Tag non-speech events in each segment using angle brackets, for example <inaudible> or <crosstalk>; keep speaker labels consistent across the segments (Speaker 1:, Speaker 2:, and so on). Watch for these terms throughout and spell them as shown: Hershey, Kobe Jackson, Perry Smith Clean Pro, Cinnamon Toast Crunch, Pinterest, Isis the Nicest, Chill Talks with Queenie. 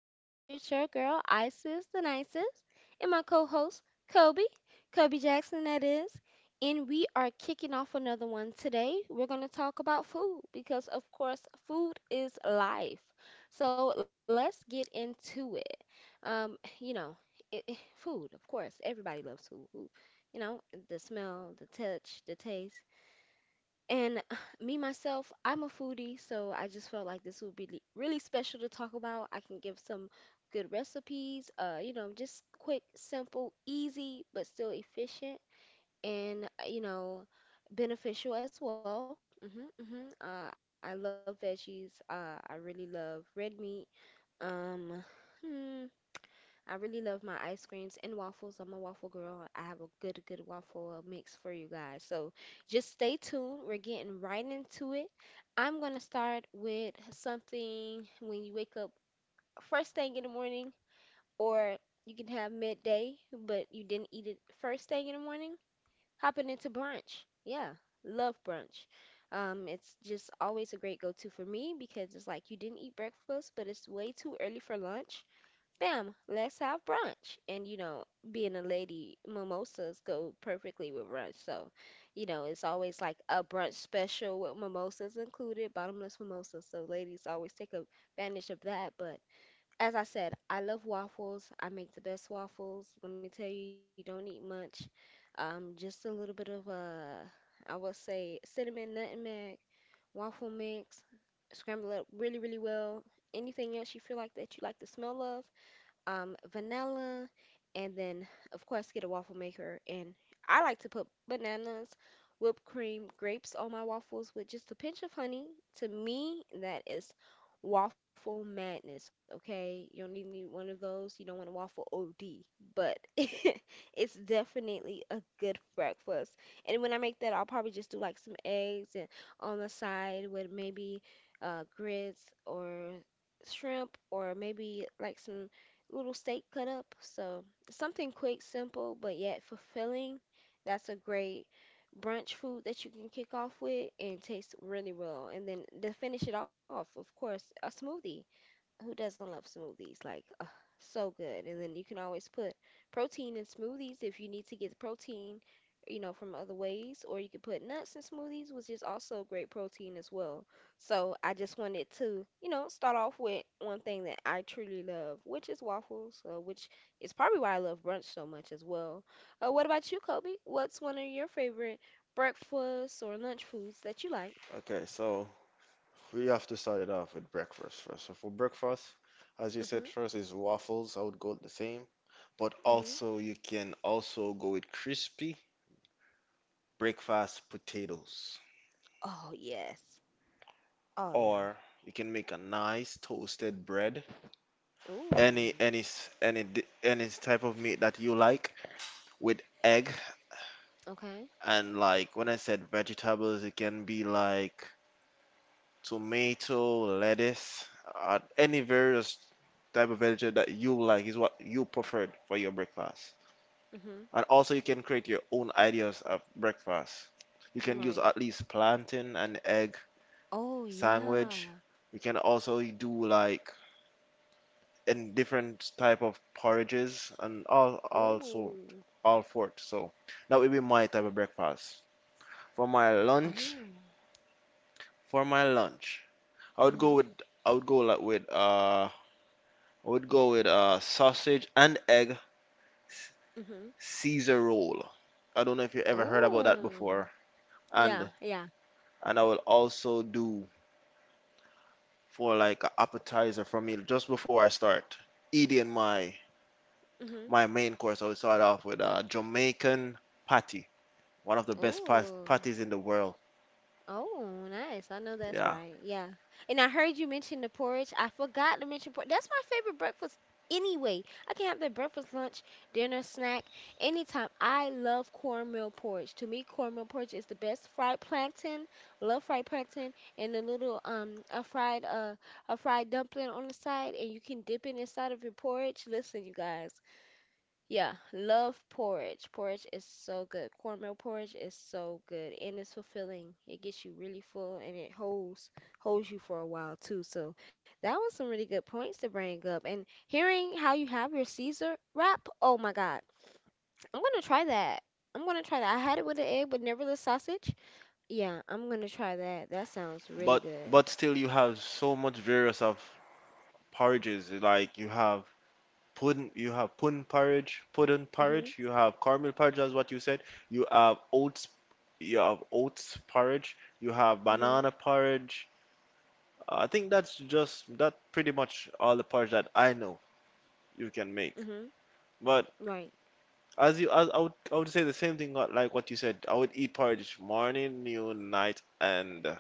Speaker 1: You're here with your girl Isis the Nicest and my co-host Kobe, Kobe Jackson that is. And we are kicking off another one today. We're going to talk about food because of course food is life. So let's get into it. Um, you know, food, of course, everybody loves food. You know, the smell, the touch, the taste. And <sighs> me, myself, I'm a foodie, so I just felt like this would be really special to talk about. I can give some good recipes, just quick, simple, easy, but still efficient and, beneficial as well. I love veggies. I really love red meat. Um, hmm, I really love my ice creams and waffles. I'm a waffle girl. I have a good, good waffle mix for you guys. So just stay tuned. We're getting right into it. I'm going to start with something when you wake up first thing in the morning, or you can have midday, but you didn't eat it first thing in the morning. Hopping into brunch. Yeah, love brunch. It's just always a great go to for me because it's like you didn't eat breakfast, but it's way too early for lunch. Bam, let's have brunch. And being a lady, mimosas go perfectly with brunch. So, it's always like a brunch special with mimosas included, bottomless mimosas. So ladies always take advantage of that. But as I said, I love waffles. I make the best waffles. Let me tell you, you don't need much. Just a little bit of I would say cinnamon, nutmeg, waffle mix, scramble it up really, really well. Anything else you feel like that you like the smell of? Vanilla, and then, of course, get a waffle maker. And I like to put bananas, whipped cream, grapes on my waffles with just a pinch of honey. To me, that is waffle madness, okay? You don't need one of those. You don't want a waffle OD, but <laughs> it's definitely a good breakfast. And when I make that, I'll probably just do like some eggs and on the side with maybe grits or shrimp or maybe like some little steak cut up. So something quick, simple, but yet fulfilling. That's a great brunch food that you can kick off with and tastes really well. And then to finish it off, of course, a smoothie. Who doesn't love smoothies? Like, ugh, so good. And then you can always put protein in smoothies if you need to get protein, from other ways. Or you could put nuts in smoothies, which is also great protein as well. So I just wanted to, start off with one thing that I truly love, which is waffles, which is probably why I love brunch so much as well. What about you, Kobe? What's one of your favorite breakfast or lunch foods that you like?
Speaker 2: Okay, so we have to start it off with breakfast first. So for breakfast, as you said
Speaker 1: Mm-hmm.
Speaker 2: first is waffles. I would go the same, but
Speaker 1: Mm-hmm.
Speaker 2: also you can also go with crispy breakfast potatoes,
Speaker 1: Oh, yes. Oh, yeah.
Speaker 2: or you can make a nice toasted bread.
Speaker 1: Ooh,
Speaker 2: Any s- any di- any type of meat that you like with egg
Speaker 1: okay.
Speaker 2: and like when I said vegetables, it can be like tomato, lettuce, any various type of vegetable that you like is what you preferred for your breakfast.
Speaker 1: Hmm.
Speaker 2: And also, you can create your own ideas of breakfast. You can use
Speaker 1: Right.
Speaker 2: at least plantain and egg
Speaker 1: Oh yeah.
Speaker 2: sandwich. You can also do like in different type of porridges and all all sort
Speaker 1: Ooh.
Speaker 2: all sort. So that would be my type of breakfast. For my lunch,
Speaker 1: Oh.
Speaker 2: for my lunch, I would go
Speaker 1: Hmm.
Speaker 2: with I would go like with uh I would go with sausage and egg s-
Speaker 1: Hmm.
Speaker 2: Caesar roll. I don't know if you ever heard about that
Speaker 1: Ooh.
Speaker 2: before.
Speaker 1: Yeah,
Speaker 2: And
Speaker 1: yeah.
Speaker 2: and I will also do for like an appetizer for me just before I start eating my
Speaker 1: Hmm.
Speaker 2: my main course. I would start off with a Jamaican patty, one of the best
Speaker 1: Ooh.
Speaker 2: patties in the world.
Speaker 1: Oh, nice. I know that's
Speaker 2: Yeah,
Speaker 1: right. Yeah. And I heard you mention the porridge. I forgot to mention porridge. That's my favorite breakfast anyway. I can have that breakfast, lunch, dinner, snack, anytime. I love cornmeal porridge. To me, cornmeal porridge is the best. Fried plantain, love fried plantain, and a fried dumpling on the side, and you can dip it inside of your porridge. Listen, you guys. Yeah, love porridge. Porridge is so good. Cornmeal porridge is so good and it's fulfilling. It gets you really full and it holds you for a while too. So that was some really good points to bring up. And hearing how you have your Caesar wrap, oh my God. I'm gonna try that. I'm gonna try that. I had it with an egg but never the sausage. Yeah, I'm gonna try that. That sounds
Speaker 2: but
Speaker 1: really good.
Speaker 2: still you have so much various of porridges. Like you have pudding, you have pudding porridge, you
Speaker 1: Hmm.
Speaker 2: have caramel porridge, that's what you said. You have oats, you have oats porridge, you have banana
Speaker 1: Hmm.
Speaker 2: porridge. I think that's just that pretty much all the porridge that I know you can make.
Speaker 1: Hmm.
Speaker 2: But
Speaker 1: Right.
Speaker 2: as you, as I would say the same thing like what you said. I would eat porridge morning, noon, night, and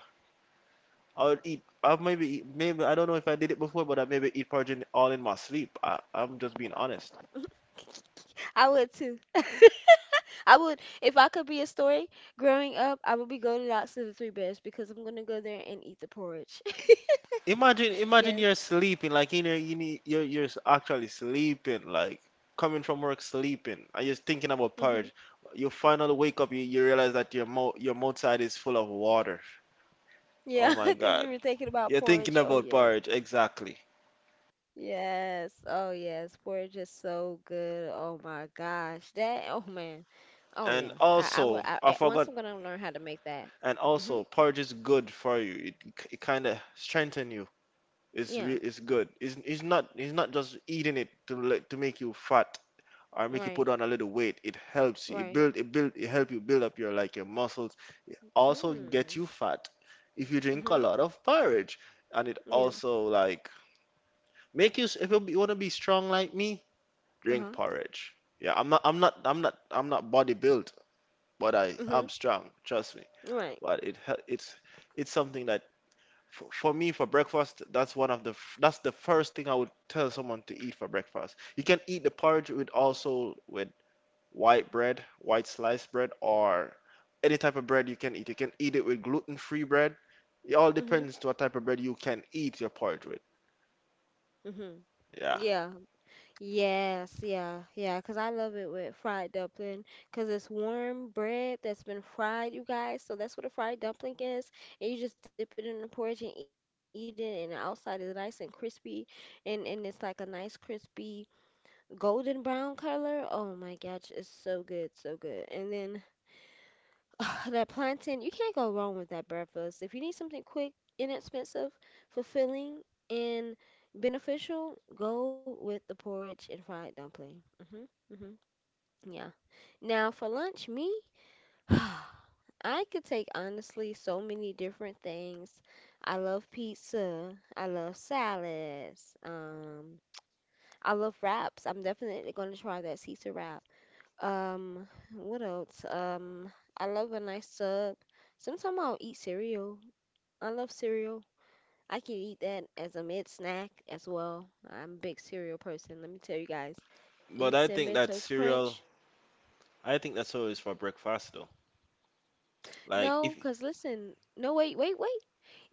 Speaker 2: I would eat. I maybe eat, maybe I don't know if I did it before, but I maybe eat porridge in, all in my sleep. I'm just being honest.
Speaker 1: <laughs> I would too. <laughs> I would, if I could be a story growing up, I would be going out to the Three Bears because I'm gonna go there and eat the porridge. <laughs>
Speaker 2: Imagine
Speaker 1: Yes.
Speaker 2: you're sleeping, like in your, you need, actually sleeping, like coming from work sleeping, and you're thinking about
Speaker 1: Mhm.
Speaker 2: porridge. You finally wake up, you realize that your mouth side is full of water.
Speaker 1: Yeah,
Speaker 2: Oh
Speaker 1: <laughs>
Speaker 2: my
Speaker 1: because you
Speaker 2: God,
Speaker 1: were thinking about
Speaker 2: you're thinking
Speaker 1: porridge. Oh
Speaker 2: about
Speaker 1: yes.
Speaker 2: porridge exactly.
Speaker 1: Yes. Oh yes. Porridge is so good. Oh my gosh. That. Oh man. Oh yeah. I
Speaker 2: And
Speaker 1: would.
Speaker 2: also,
Speaker 1: Once I'm
Speaker 2: I
Speaker 1: gonna
Speaker 2: forgot.
Speaker 1: learn how to make that.
Speaker 2: And
Speaker 1: Mhm.
Speaker 2: also, porridge is good for you. It kind of strengthen you.
Speaker 1: Yeah.
Speaker 2: It's good. It's not just eating it to make you fat, or make you put
Speaker 1: Right.
Speaker 2: on a little weight. It helps you. It
Speaker 1: Right.
Speaker 2: build it build it help you build up your like your muscles. Also get
Speaker 1: Mm.
Speaker 2: you fat if you drink a
Speaker 1: Mhm.
Speaker 2: lot of porridge. And it
Speaker 1: Yeah.
Speaker 2: also like make you if you want to be strong like me,
Speaker 1: Uh
Speaker 2: drink
Speaker 1: huh.
Speaker 2: porridge. Yeah, I'm not body built, but
Speaker 1: Mhm.
Speaker 2: I'm strong, trust me.
Speaker 1: Right.
Speaker 2: But it's something that for me for breakfast that's one of the f- that's the first thing I would tell someone to eat for breakfast. You can eat the porridge with also with white bread, white sliced bread, or any type of bread you can eat. You can eat it with gluten-free bread. It all
Speaker 1: Mm-hmm.
Speaker 2: depends to what type of bread you can eat your porridge with.
Speaker 1: Hmm.
Speaker 2: Yeah.
Speaker 1: Yeah. Yes. Yeah. Yeah. Cause I love it with fried dumpling. Cause it's warm bread that's been fried, you guys. So that's what a fried dumpling is. And you just dip it in the porridge and eat it. And the outside is nice and crispy. And it's like a nice crispy golden brown color. Oh my gosh, it's so good, so good. And then <sighs> ugh, that plantain, you can't go wrong with that breakfast. If you need something quick, inexpensive, fulfilling, and beneficial, go with the porridge and fried dumpling. Mhm. Mhm. Yeah. Now for lunch, me, <sighs> I could take honestly so many different things. I love pizza. I love salads. I love wraps. I'm definitely gonna try that Caesar wrap. Um, what else? I love a nice sub. Sometimes I'll eat cereal. I love cereal. I can eat that as a mid snack as well. I'm a big cereal person, let me tell you guys. Eat
Speaker 2: But I
Speaker 1: Cinnamon
Speaker 2: think that
Speaker 1: Toast Crunch.
Speaker 2: cereal, I think that's always for breakfast though. Like
Speaker 1: No,
Speaker 2: if
Speaker 1: 'cause listen, no, wait, wait, wait.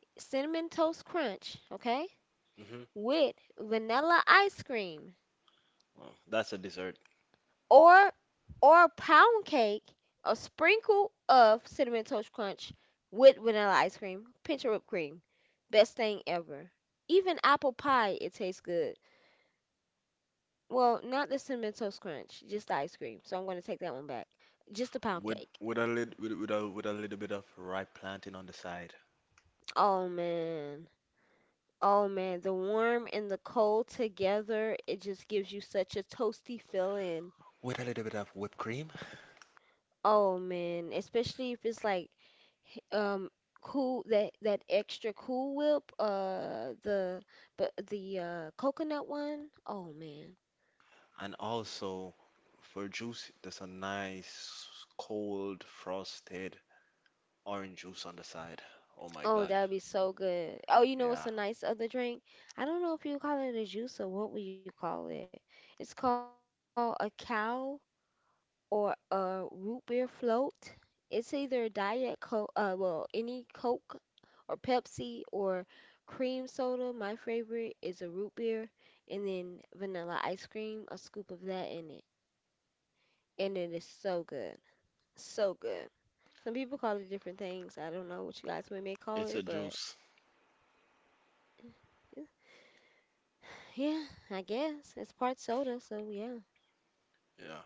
Speaker 1: Cinnamon Toast Crunch, okay?
Speaker 2: hmm,
Speaker 1: With vanilla ice cream,
Speaker 2: well, that's a dessert.
Speaker 1: or or pound cake, a sprinkle of Cinnamon Toast Crunch with vanilla ice cream, pinch of whipped cream. Best thing ever. Even apple pie, it tastes good. Well, not the Cinnamon Toast Crunch, just the ice cream. So I'm gonna take that one back. Just the pound cake.
Speaker 2: With a lit with a little bit of ripe plantain on the side.
Speaker 1: Oh man. Oh man, the warm and the cold together, it just gives you such a toasty feeling.
Speaker 2: With a little bit of whipped cream.
Speaker 1: Oh man, especially if it's like h- um cool, that extra Cool Whip, the but the coconut one. Oh man.
Speaker 2: And also for juice, there's a nice cold frosted orange juice on the side. Oh my
Speaker 1: Oh,
Speaker 2: God.
Speaker 1: that would be so good. Oh, you know what's
Speaker 2: Yeah,
Speaker 1: a nice other drink? I don't know if you call it a juice or what would you call it? It's called a cow or a root beer float. It's either diet coke, well, any coke or Pepsi or cream soda. My favorite is a root beer and then vanilla ice cream, a scoop of that in it. And it is so good. So good. Some people call it different things. I don't know what you guys may call it,
Speaker 2: it's a
Speaker 1: but
Speaker 2: juice.
Speaker 1: yeah, I guess it's part soda, so yeah,
Speaker 2: Yeah,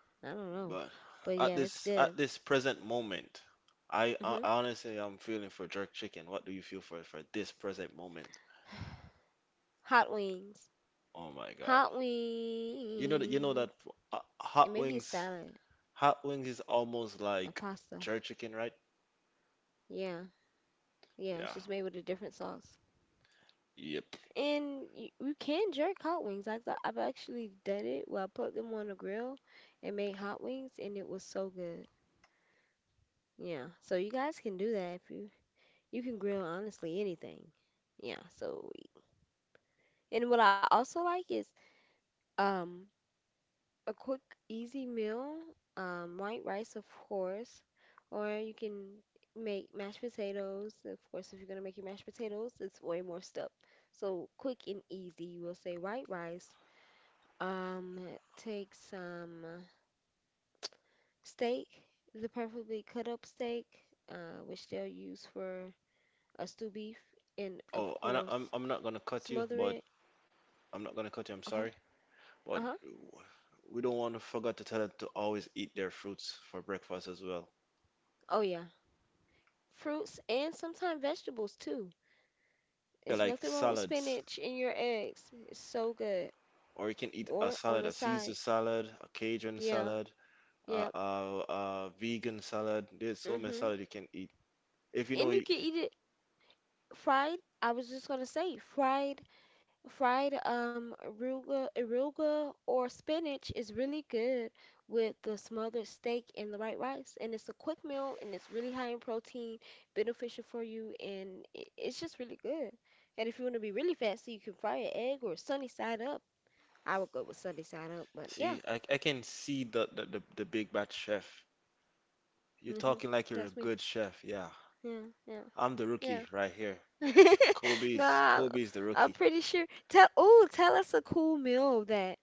Speaker 1: I don't know.
Speaker 2: but
Speaker 1: But yeah,
Speaker 2: at
Speaker 1: it's
Speaker 2: this
Speaker 1: good.
Speaker 2: at this present moment,
Speaker 1: hmm
Speaker 2: I honestly I'm feeling for jerk chicken. What do you feel for this present moment?
Speaker 1: Hot wings.
Speaker 2: Oh my
Speaker 1: Hot
Speaker 2: God! You know
Speaker 1: wings.
Speaker 2: that uh,
Speaker 1: It may
Speaker 2: hot
Speaker 1: be a
Speaker 2: wings
Speaker 1: salad,
Speaker 2: hot wings is almost
Speaker 1: a
Speaker 2: like
Speaker 1: pasta.
Speaker 2: jerk chicken, right?
Speaker 1: Yeah, yeah, it's
Speaker 2: Yeah.
Speaker 1: just made with a different sauce.
Speaker 2: Yep.
Speaker 1: And you can jerk hot wings. I've actually done it where I put them on the grill and made hot wings, and it was so good. Yeah, so you guys can do that if you can grill honestly anything. Yeah, so and what I also like is um a quick easy meal, white rice of course, or you can make mashed potatoes. Of course, if you're gonna make your mashed potatoes, it's way more stuff. So quick and easy, you will say white rice. Um, take some steak, the preferably cut up steak, which they'll use for a stew beef, and of
Speaker 2: Oh, and I'm
Speaker 1: course,
Speaker 2: not gonna cut you,
Speaker 1: smother
Speaker 2: but
Speaker 1: it.
Speaker 2: I'm not gonna cut you. I'm
Speaker 1: Okay.
Speaker 2: sorry, but
Speaker 1: Uh-huh.
Speaker 2: we don't want to forget to tell them to always eat their fruits for breakfast as well.
Speaker 1: Oh yeah. Fruits and sometimes vegetables too.
Speaker 2: Yeah,
Speaker 1: It's
Speaker 2: like
Speaker 1: nothing wrong with
Speaker 2: salads,
Speaker 1: spinach in your eggs. It's so good.
Speaker 2: or you can eat a
Speaker 1: Or on
Speaker 2: salad,
Speaker 1: the
Speaker 2: a Caesar
Speaker 1: side.
Speaker 2: salad, a Cajun
Speaker 1: Yeah.
Speaker 2: salad,
Speaker 1: Yep.
Speaker 2: a vegan salad. There's so many
Speaker 1: Mm-hmm.
Speaker 2: salad you can eat. If you know,
Speaker 1: And you
Speaker 2: y-
Speaker 1: can eat it fried. I was just gonna say fried. Arugula or spinach is really good with the smothered steak and the white rice, and it's a quick meal and it's really high in protein, beneficial for you, and it's just really good. And if you want to be really fancy, you can fry an egg or sunny side up. I would go with sunny side up, but yeah,
Speaker 2: See, I can see the big bad chef. You're
Speaker 1: hmm
Speaker 2: talking like you're a
Speaker 1: that's me.
Speaker 2: good chef. Yeah,
Speaker 1: Yeah,
Speaker 2: I'm the rookie
Speaker 1: yeah,
Speaker 2: right here.
Speaker 1: yeah. <laughs> Nah,
Speaker 2: Kobe's the
Speaker 1: I'm
Speaker 2: rookie.
Speaker 1: pretty sure. Tell us a cool meal that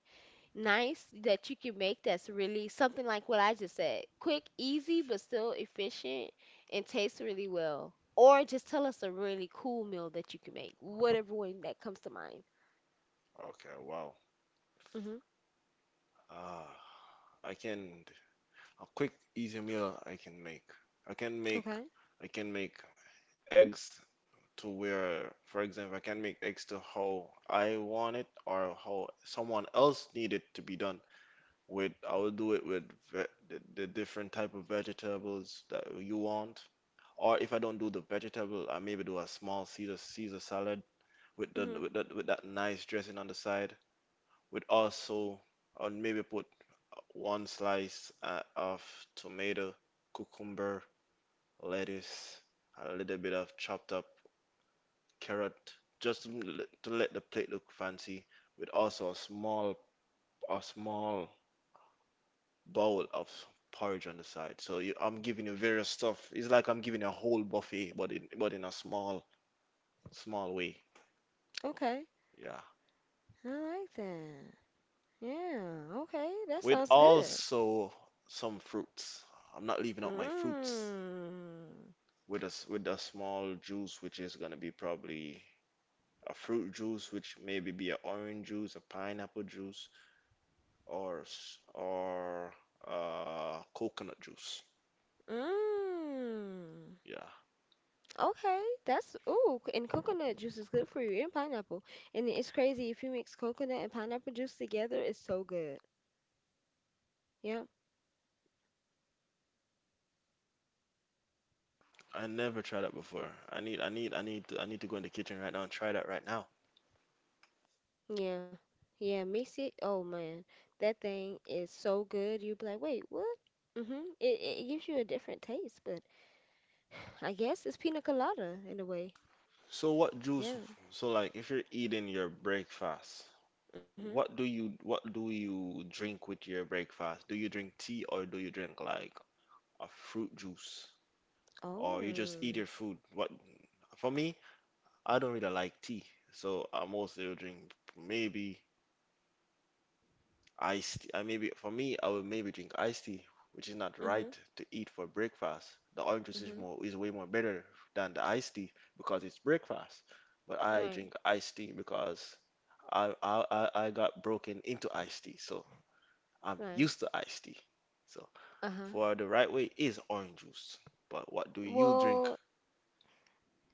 Speaker 1: nice that you can make that's really something like what I just said. Quick, easy, but still efficient and tastes really well. Or just tell us a really cool meal that you can make, whatever one that comes to mind.
Speaker 2: Okay, wow.
Speaker 1: Mhm.
Speaker 2: Uh, I can a quick easy meal I can make. I can make
Speaker 1: Okay.
Speaker 2: I can make eggs to where, for example, I can make X to how I want it or how someone else need it to be done. With I will do it with ve the different type of vegetables that you want. Or if I don't do the vegetable, I maybe do a small Caesar salad
Speaker 1: Hmm.
Speaker 2: with that nice dressing on the side. With also, or maybe put one slice of tomato, cucumber, lettuce, a little bit of chopped up carrot just to to let the plate look fancy, with also a small bowl of porridge on the side. So you, I'm giving you various stuff. It's like I'm giving you a whole buffet, but in a small way.
Speaker 1: Okay.
Speaker 2: Yeah,
Speaker 1: I like that. Yeah. Okay. That
Speaker 2: with
Speaker 1: sounds good.
Speaker 2: also some fruits. I'm not leaving out my fruits
Speaker 1: Mmm.
Speaker 2: with with a small juice, which is gonna be probably a fruit juice, which maybe be a orange juice, a pineapple juice, or coconut juice.
Speaker 1: Mmm.
Speaker 2: Yeah,
Speaker 1: Okay, and coconut juice is good for you, and pineapple. And it's crazy if you mix coconut and pineapple juice together, it's so good. Yeah,
Speaker 2: I never tried that before. I need to go in the kitchen right now and try that right now.
Speaker 1: yeah, yeah. Mix it. Oh man, that thing is so good. You'd be like, wait, what? Mhm. It gives you a different taste, but <sighs> I guess it's pina colada in a way.
Speaker 2: So what juice?
Speaker 1: Yeah.
Speaker 2: So like if you're eating your breakfast,
Speaker 1: Mhm.
Speaker 2: what do you drink with your breakfast? Do you drink tea or do you drink like a fruit juice or you just eat
Speaker 1: Oh.
Speaker 2: your food? What for me, I don't really like tea, so I mostly will drink maybe iced tea. I maybe for me, I would maybe drink iced tea, which is not
Speaker 1: Mhm.
Speaker 2: right to eat for breakfast. The orange juice is
Speaker 1: Mhm.
Speaker 2: more is way more better than the iced tea because it's breakfast. But I
Speaker 1: Right.
Speaker 2: drink iced tea because I got broken into iced tea, so I'm
Speaker 1: Right.
Speaker 2: used to iced tea. So
Speaker 1: Uh huh.
Speaker 2: for the right way is orange juice. But what do you drink?
Speaker 1: Well,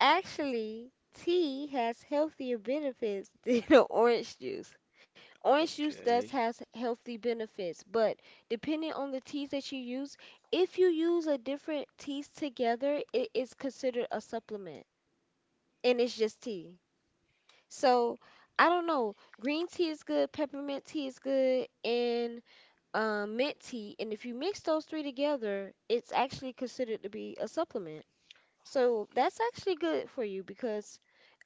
Speaker 1: actually, tea has healthier benefits <laughs> than orange juice. Orange juice does
Speaker 2: Okay,
Speaker 1: has healthy benefits, but depending on the teas that you use, if you use a different teas together, it is considered a supplement and it's just tea. So, I don't know. Green tea is good, peppermint tea is good, and mint tea. And if you mix those three together, it's actually considered to be a supplement. So that's actually good for you because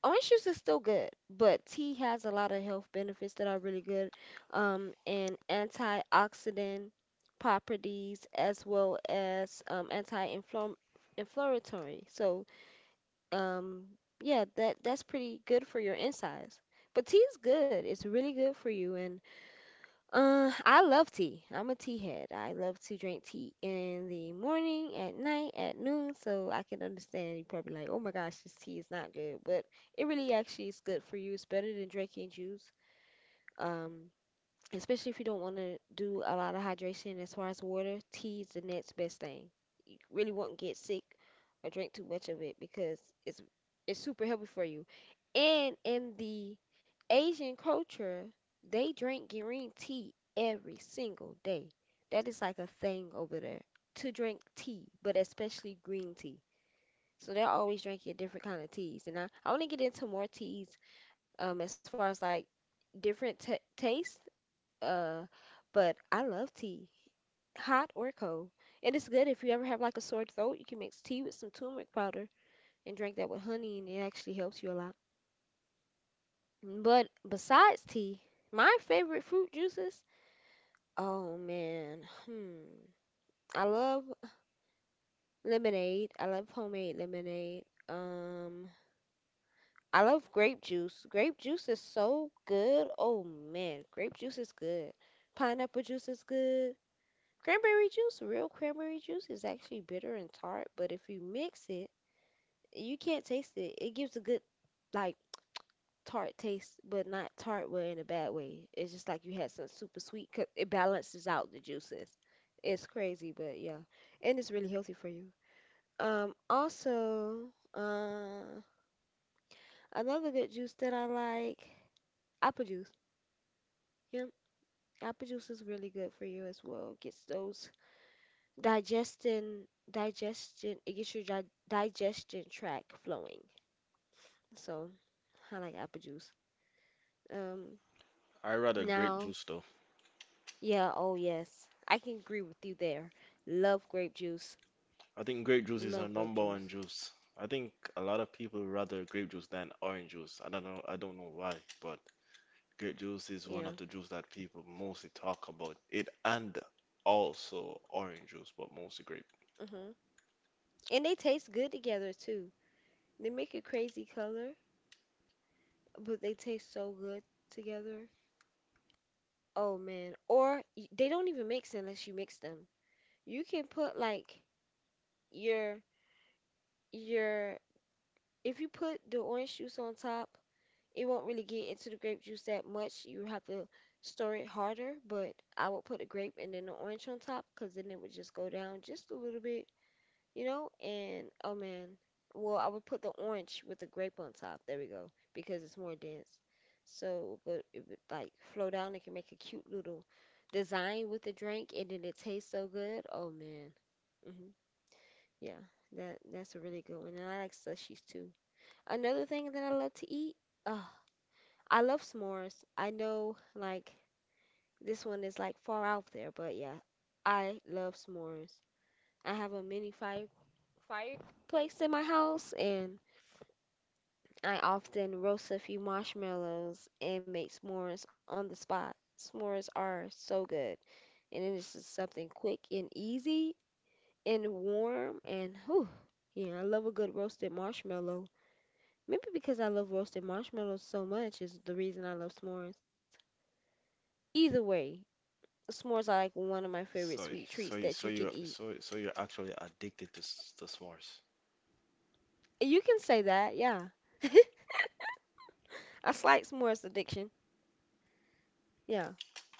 Speaker 1: orange juice is still good, but tea has a lot of health benefits that are really good, and antioxidant properties as well as anti-inflammatory. So, um, yeah, that's pretty good for your insides. But tea is good. It's really good for you, and. I love tea. I'm a tea head. I love to drink tea in the morning, at night, at noon. So I can understand you probably like, oh my gosh, this tea is not good, but it really actually is good for you. It's better than drinking juice. Um, Especially if you don't want to do a lot of hydration, as far as water, tea is the next best thing. You really won't get sick or drink too much of it because it's it's super healthy for you, and in the Asian culture they drink green tea every single day. That is like a thing over there, to drink tea, but especially green tea. So they're always drinking different kind of teas. And I want to get into more teas, as far as like different t tastes. Uh, but I love tea, hot or cold. And it's good if you ever have like a sore throat, you can mix tea with some turmeric powder and drink that with honey, and it actually helps you a lot. But besides tea, my favorite fruit juices, oh man, hmm. I love lemonade. I love homemade lemonade. Um, I love grape juice. Grape juice is so good. Oh man, grape juice is good. Pineapple juice is good. Cranberry juice, real cranberry juice is actually bitter and tart, but if you mix it, you can't taste it. It gives a good, like, tart taste, but not tart way in a bad way. It's just like you had some super sweet, 'cause it balances out the juices. It's crazy, but yeah, and it's really healthy for you. Also, another good juice that I like, apple juice. You know, apple juice is really good for you as well. Gets those it gets your di digestion tract flowing. So I like apple juice. Um,
Speaker 2: I rather grape juice
Speaker 1: Now,
Speaker 2: though.
Speaker 1: yeah, oh yes, I can agree with you there. Love grape juice.
Speaker 2: I think grape juice is our
Speaker 1: Love
Speaker 2: number
Speaker 1: grape
Speaker 2: one
Speaker 1: juice.
Speaker 2: juice. I think a lot of people rather grape juice than orange juice. I don't know why, but grape
Speaker 1: Yeah.
Speaker 2: juice is one of the juice that people mostly talk about. It and also orange juice, but mostly grape.
Speaker 1: Hmm. And they taste good together too. They make a crazy color, but they taste so good together. Oh man. Or they don't even mix unless you mix them. You can put like your your if you put the orange juice on top, it won't really get into the grape juice that much. You have to stir it harder, but I would put the grape and then the orange on top because then it would just go down just a little bit, you know? And oh man, well, I would put the orange with the grape on top. There we go, because it's more dense. So it would, it would like flow down. It can make a cute little design with the drink, and then it tastes so good. Oh man. Hmm. Yeah, that's a really good one. And I like slushies too. Another thing that I love to eat, oh, I love s'mores. I know like this one is like far out there, but yeah, I love s'mores. I have a mini fireplace in my house, and I often roast a few marshmallows and make s'mores on the spot. S'mores are so good, and it is just something quick and easy and warm and whew. Yeah, I love a good roasted marshmallow. Maybe because I love roasted marshmallows so much is the reason I love s'mores. Either way, s'mores are like one of my favorite
Speaker 2: So,
Speaker 1: sweet treats that you
Speaker 2: so
Speaker 1: can
Speaker 2: you're,
Speaker 1: eat.
Speaker 2: so you're actually addicted to to s'mores.
Speaker 1: You can say that, yeah. <laughs> A slight s'mores addiction. Yeah.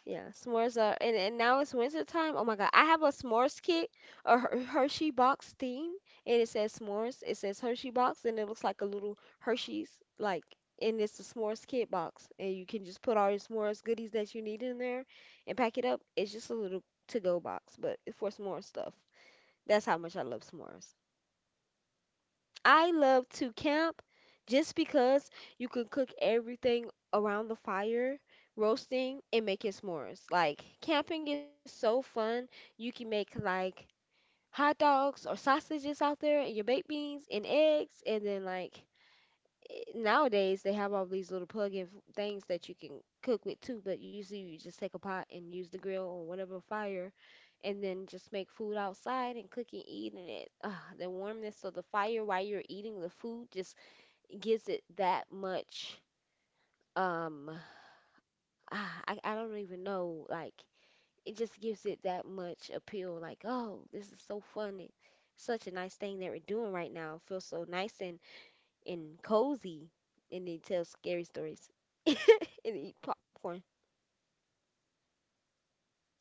Speaker 1: Yeah, s'mores are, and now it's winter time. Oh my God, I have a s'mores kit, a Hershey box theme, and it says s'mores. It says Hershey box, and it looks like a little Hershey's, like, and it's a s'mores kit box, and you can just put all your s'mores goodies that you need in there, and pack it up. It's just a little to-go box, but it's for s'more stuff. That's how much I love s'mores. I love to camp just because you can cook everything around the fire, roasting and making s'mores. Like camping is so fun. You can make like hot dogs or sausages out there and your baked beans and eggs, and then like, eh, nowadays they have all these little plug-in things that you can cook with too, but usually you just take a pot and use the grill or whatever fire and then just make food outside and cook and eat in it. Ah, the warmness of the fire while you're eating the food just gives it that much um ah, I don't even know, like it just gives it that much appeal, like oh this is so fun, it, such a nice thing that we're doing right now, feels so nice and cozy, and they tell scary stories <laughs> and eat popcorn.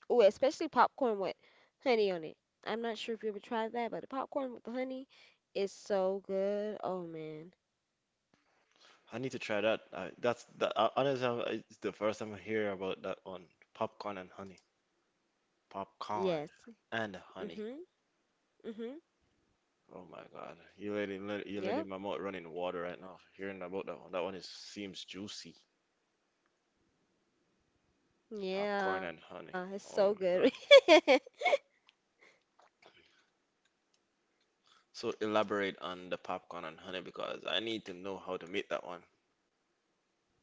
Speaker 1: Oh, especially popcorn with honey on it. I'm not sure if you ever tried that, but the popcorn with the honey is so good. Oh man.
Speaker 2: I need to try that. I, that's that. I, Honestly, I'm, it's the first time I hear about that one. Popcorn and honey. Popcorn
Speaker 1: Yes.
Speaker 2: and honey.
Speaker 1: Mhm. Mhm.
Speaker 2: Oh my God, you you letting my mouth
Speaker 1: Yep.
Speaker 2: run in water right now. Hearing about that one is seems juicy. Popcorn and honey.
Speaker 1: Yeah, it's
Speaker 2: Oh
Speaker 1: so
Speaker 2: my God.
Speaker 1: good. <laughs>
Speaker 2: So elaborate on the popcorn and honey because I need to know how to make that one.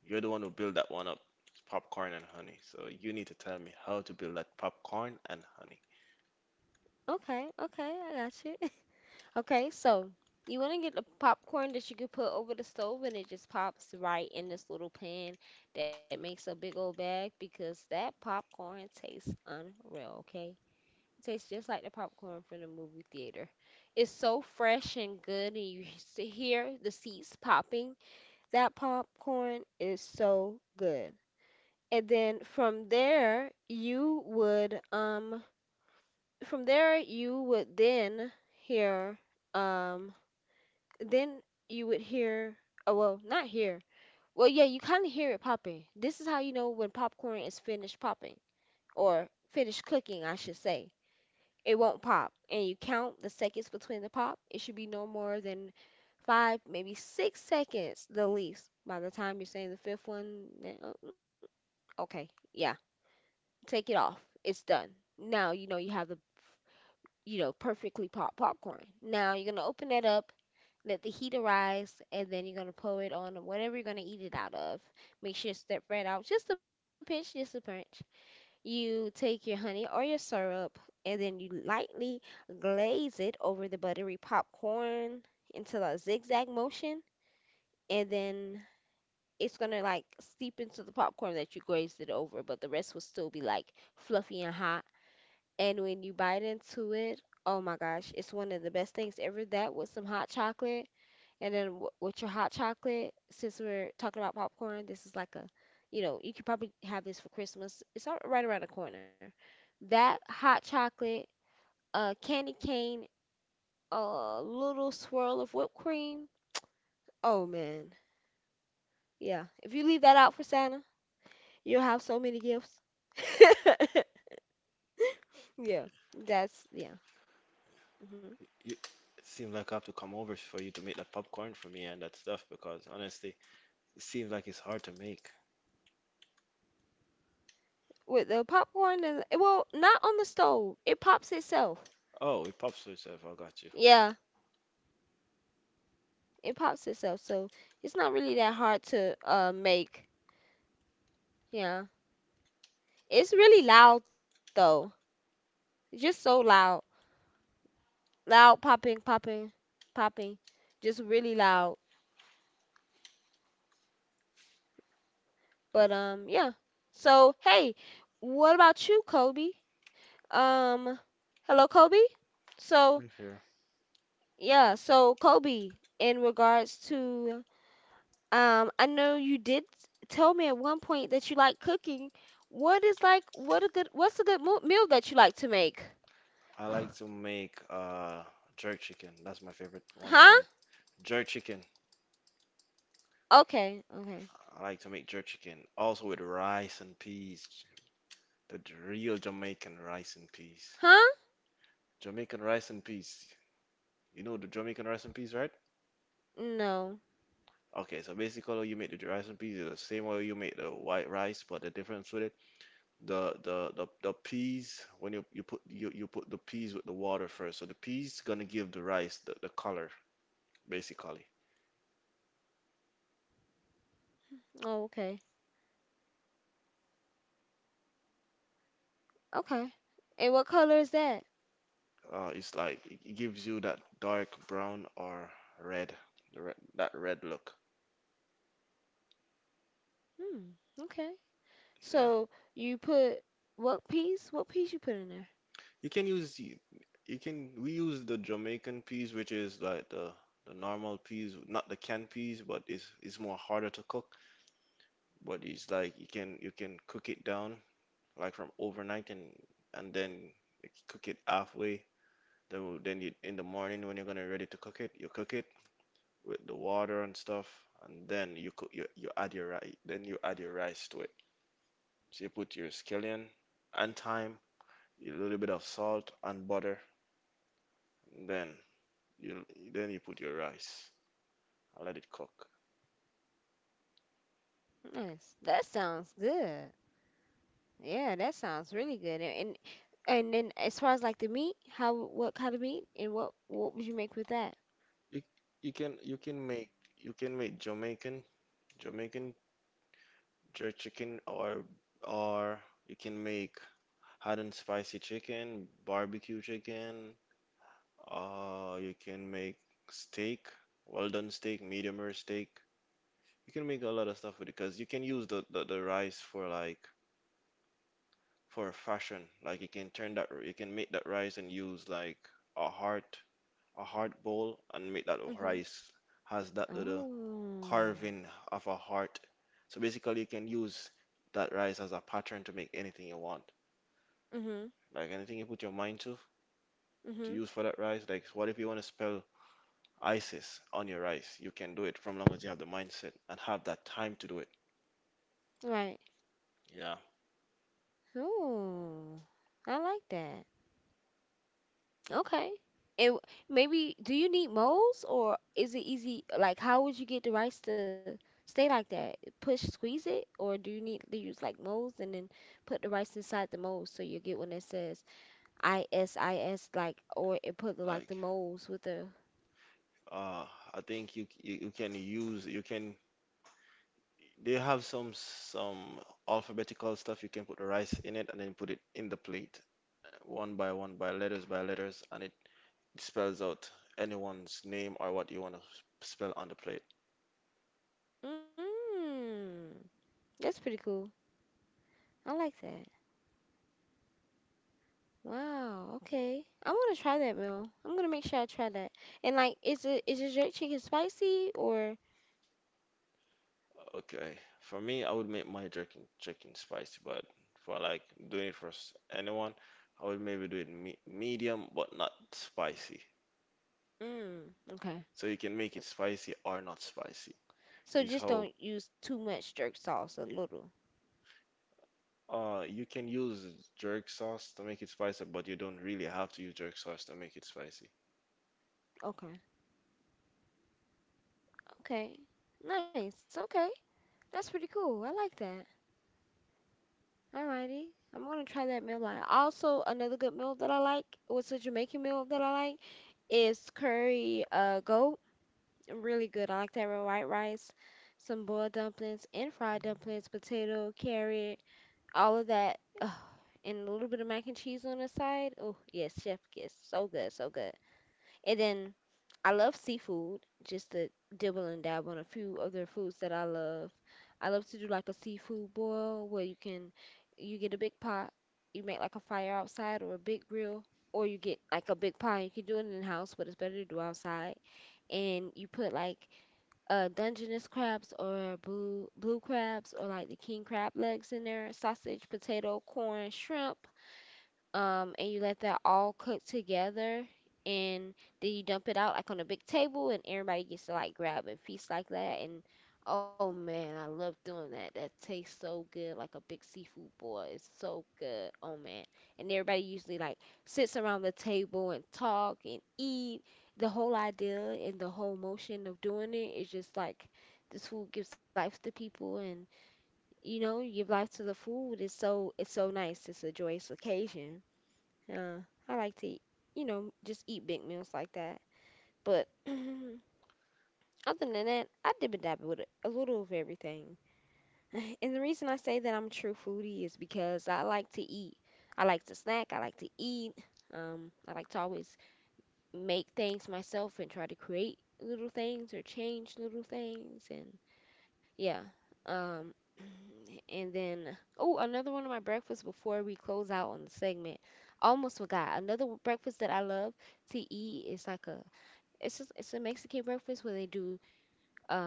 Speaker 2: You're the one who built that one up, popcorn and honey. So you need to tell me how to build that popcorn and honey.
Speaker 1: Okay, okay, I got you. Okay, so you want to get the popcorn that you can put over the stove and it just pops right in this little pan that makes a big old bag, because that popcorn tastes unreal, okay? It tastes just like the popcorn from the movie theater. It's so fresh and good, and you <laughs> hear the seeds popping. That popcorn is so good. And then from there, you would from there you would then hear um then you would hear, oh well, not hear, well, yeah, you kind of hear it popping. This is how you know when popcorn is finished popping, or finished cooking I should say. It won't pop, and you count the seconds between the pop. It should be no more than 5 maybe 6 seconds the least. By the time you're saying the fifth one, then, okay, yeah, take it off, it's done. Now you know you have the, perfectly popped popcorn. Now you're gonna open that up, let the heat arise, and then you're gonna pour it on whatever you're gonna eat it out of. Make sure it's stir fried out, just a pinch, just a pinch. You take your honey or your syrup, and then you lightly glaze it over the buttery popcorn into a zigzag motion, and then it's gonna like seep into the popcorn that you glazed it over, but the rest will still be like fluffy and hot. And when you bite into it, oh my gosh, it's one of the best things ever. That with some hot chocolate. And then w with your hot chocolate, since we're talking about popcorn, this is like a, you could probably have this for Christmas. It's all right around the corner. That hot chocolate, a candy cane, a little swirl of whipped cream. Oh man. Yeah. If you leave that out for Santa, you'll have so many gifts. <laughs> Yeah. That's yeah. Hmm.
Speaker 2: You, it seems like I have to come over for you to make that popcorn for me and that stuff because honestly, it seems like it's hard to make.
Speaker 1: With the popcorn, and well, not on the stove. It pops itself.
Speaker 2: Oh, it pops to itself. I got you.
Speaker 1: Yeah. It pops itself. So it's not really that hard to make. Yeah. It's really loud though. It's just so loud. Loud popping, popping, popping. Just really loud. But yeah. So hey, what about you, Kobe? Um Hello Kobe? So
Speaker 2: Right here.
Speaker 1: yeah, so Kobe, in regards to, I know you did tell me at one point that you like cooking. What is like what's a good meal that you like to make? <sighs>
Speaker 2: I like to make jerk chicken. That's my favorite one to
Speaker 1: Huh?
Speaker 2: make. Jerk chicken.
Speaker 1: Okay, okay.
Speaker 2: I like to make jerk chicken. Also with rice and peas. Real Jamaican rice and peas.
Speaker 1: Huh?
Speaker 2: Jamaican rice and peas. You know the Jamaican rice and peas, right?
Speaker 1: No.
Speaker 2: Okay, so basically how you make the rice and peas is the same way you make the white rice, but the difference with it, the peas when you put the peas with the water first. So the peas gonna give the rice the color basically.
Speaker 1: Oh, okay. Okay. And what color is that?
Speaker 2: It's like it gives you that dark brown or red, the red that red look.
Speaker 1: Hmm. Okay.
Speaker 2: Yeah,
Speaker 1: So you put what piece? What piece you put in there?
Speaker 2: you can use the- you can we use the Jamaican peas, which is like the normal peas, not the canned peas, but it's more harder to cook. But it's like you can cook it down like from overnight and then you cook it halfway. Then you, in the morning when you're gonna ready to cook it, you cook it with the water and stuff, and then you add your rice. Then you add your rice to it. So you put your scallion and thyme, a little bit of salt and butter. Then you you put your rice and let it cook.
Speaker 1: Nice. That sounds good. Yeah, that sounds really good. And then as far as like the meat, how what kind of meat and what would you make with that?
Speaker 2: You you can make Jamaican Jamaican jerk chicken, or or you can make hot and spicy chicken, barbecue chicken. You can make steak, well done steak, medium rare steak. You can make a lot of stuff with it because you can use the rice for like for fashion. Like you can turn that, you can make that rice and use like a heart, a heart bowl, and make that
Speaker 1: Mhm.
Speaker 2: rice has that little
Speaker 1: Oh.
Speaker 2: carving of a heart. So basically, you can use that rice as a pattern to make anything you want.
Speaker 1: Mhm.
Speaker 2: Like anything you put your mind to
Speaker 1: Mhm.
Speaker 2: use for that rice. Like what if you want to spell ISIS on your rice? You can do it from long as you have the mindset and have that time to do it.
Speaker 1: Right.
Speaker 2: Yeah,
Speaker 1: Oh. I like that. Okay. And maybe do you need molds or is it easy? Like, how would you get the rice to stay like that? Push, squeeze it, or do you need to use like molds and then put the rice inside the molds so you get one that says ISIS, like, or it put the, like the
Speaker 2: like
Speaker 1: molds with the.
Speaker 2: uh, I think you you can use you can they have some alphabetical stuff you can put the rice in it and then put it in the plate one by one by letters and it spells out anyone's name or what you want to spell on the plate.
Speaker 1: Mmm, that's pretty cool. I like that. Wow. Okay. I want to try that meal. I'm gonna make sure I try that. And like, is it is your jerk chicken spicy or?
Speaker 2: Okay, for me, I would make my chicken spicy, but for like doing it for anyone, I would maybe do it me medium but not spicy.
Speaker 1: Mmm. Okay.
Speaker 2: So you can make it spicy or not spicy.
Speaker 1: So
Speaker 2: Is
Speaker 1: just
Speaker 2: how
Speaker 1: don't use too much jerk sauce, a little.
Speaker 2: uh, you can use jerk sauce to make it spicy, but you don't really have to use jerk sauce to make it spicy.
Speaker 1: Okay. Okay. Nice. Okay. That's pretty cool. I like that. Alrighty. I'm gonna try that meal line. Also, another good meal that I like, what's a Jamaican meal that I like is curry goat. Really good. I like that with white rice, some boiled dumplings and fried dumplings, potato, carrot, all of that. Ugh. And a little bit of mac and cheese on the side. Oh yes, chef gets so good, so good. And then I love seafood, just to dibble and dab on a few other foods that I love. I love to do like a seafood boil where you get a big pot, you make like a fire outside or a big grill, or you get like a big pot. You can do it in the house, but it's better to do outside. And you put like Dungeness crabs or blue crabs or like the king crab legs in there, sausage, potato, corn, shrimp, and you let that all cook together, and then you dump it out like on a big table, and everybody gets to like grab and feast like that. And oh man, I love doing that. That tastes so good, like a big seafood boil. It's so good. Oh man, and everybody usually like sits around the table and talk and eat. The whole idea and the whole motion of doing it is just like this food gives life to people, and you know, you give life to the food. It's so nice. It's a joyous occasion. Yeah, I like to, you know, just eat big meals like that. But <laughs> <clears throat> other than that, I dib and dab with a little of everything. <laughs> And the reason I say that I'm a true foodie is because I like to eat. I like to snack. I like to eat. I like to always make things myself and try to create little things or change little things. And yeah. Um, <clears throat> and then, oh, another one of my breakfasts before we close out on the segment. Almost forgot. Another breakfast that I love to eat is like a it's a Mexican breakfast where they do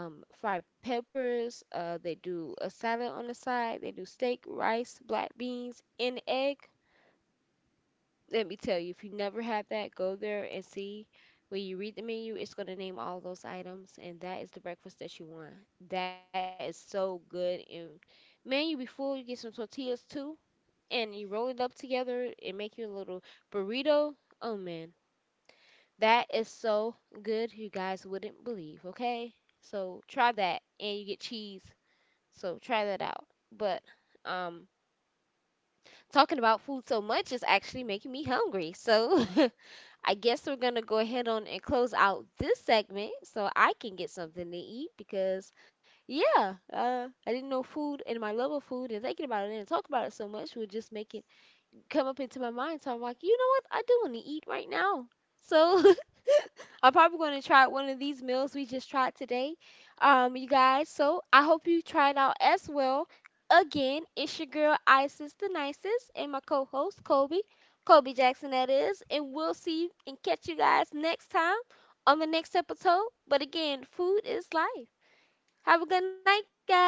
Speaker 1: fried peppers, they do a salad on the side, they do steak, rice, black beans, and egg. Let me tell you, if you never had that, go there and see. When you read the menu, it's going to name all those items, and that is the breakfast that you want. That is so good. And man, you be full. You get some tortillas too, and you roll it up together and make you a little burrito. Oh man, that is so good. You guys wouldn't believe. Okay, so try that, and you get cheese. So try that out. But um, talking about food so much is actually making me hungry. So <laughs> I guess we're gonna go ahead on and close out this segment so I can get something to eat because, yeah, I didn't know food and my love of food and thinking about it and talk about it so much would just make it come up into my mind. So I'm like, you know what? I do want to eat right now. So I'm probably going to try one of these meals we just tried today, you guys. So I hope you try it out as well. Again, it's your girl Isis the Nicest and my co-host Kobe, Kobe Jackson that is, and we'll see you and catch you guys next time on the next episode. But again, food is life. Have a good night, guys.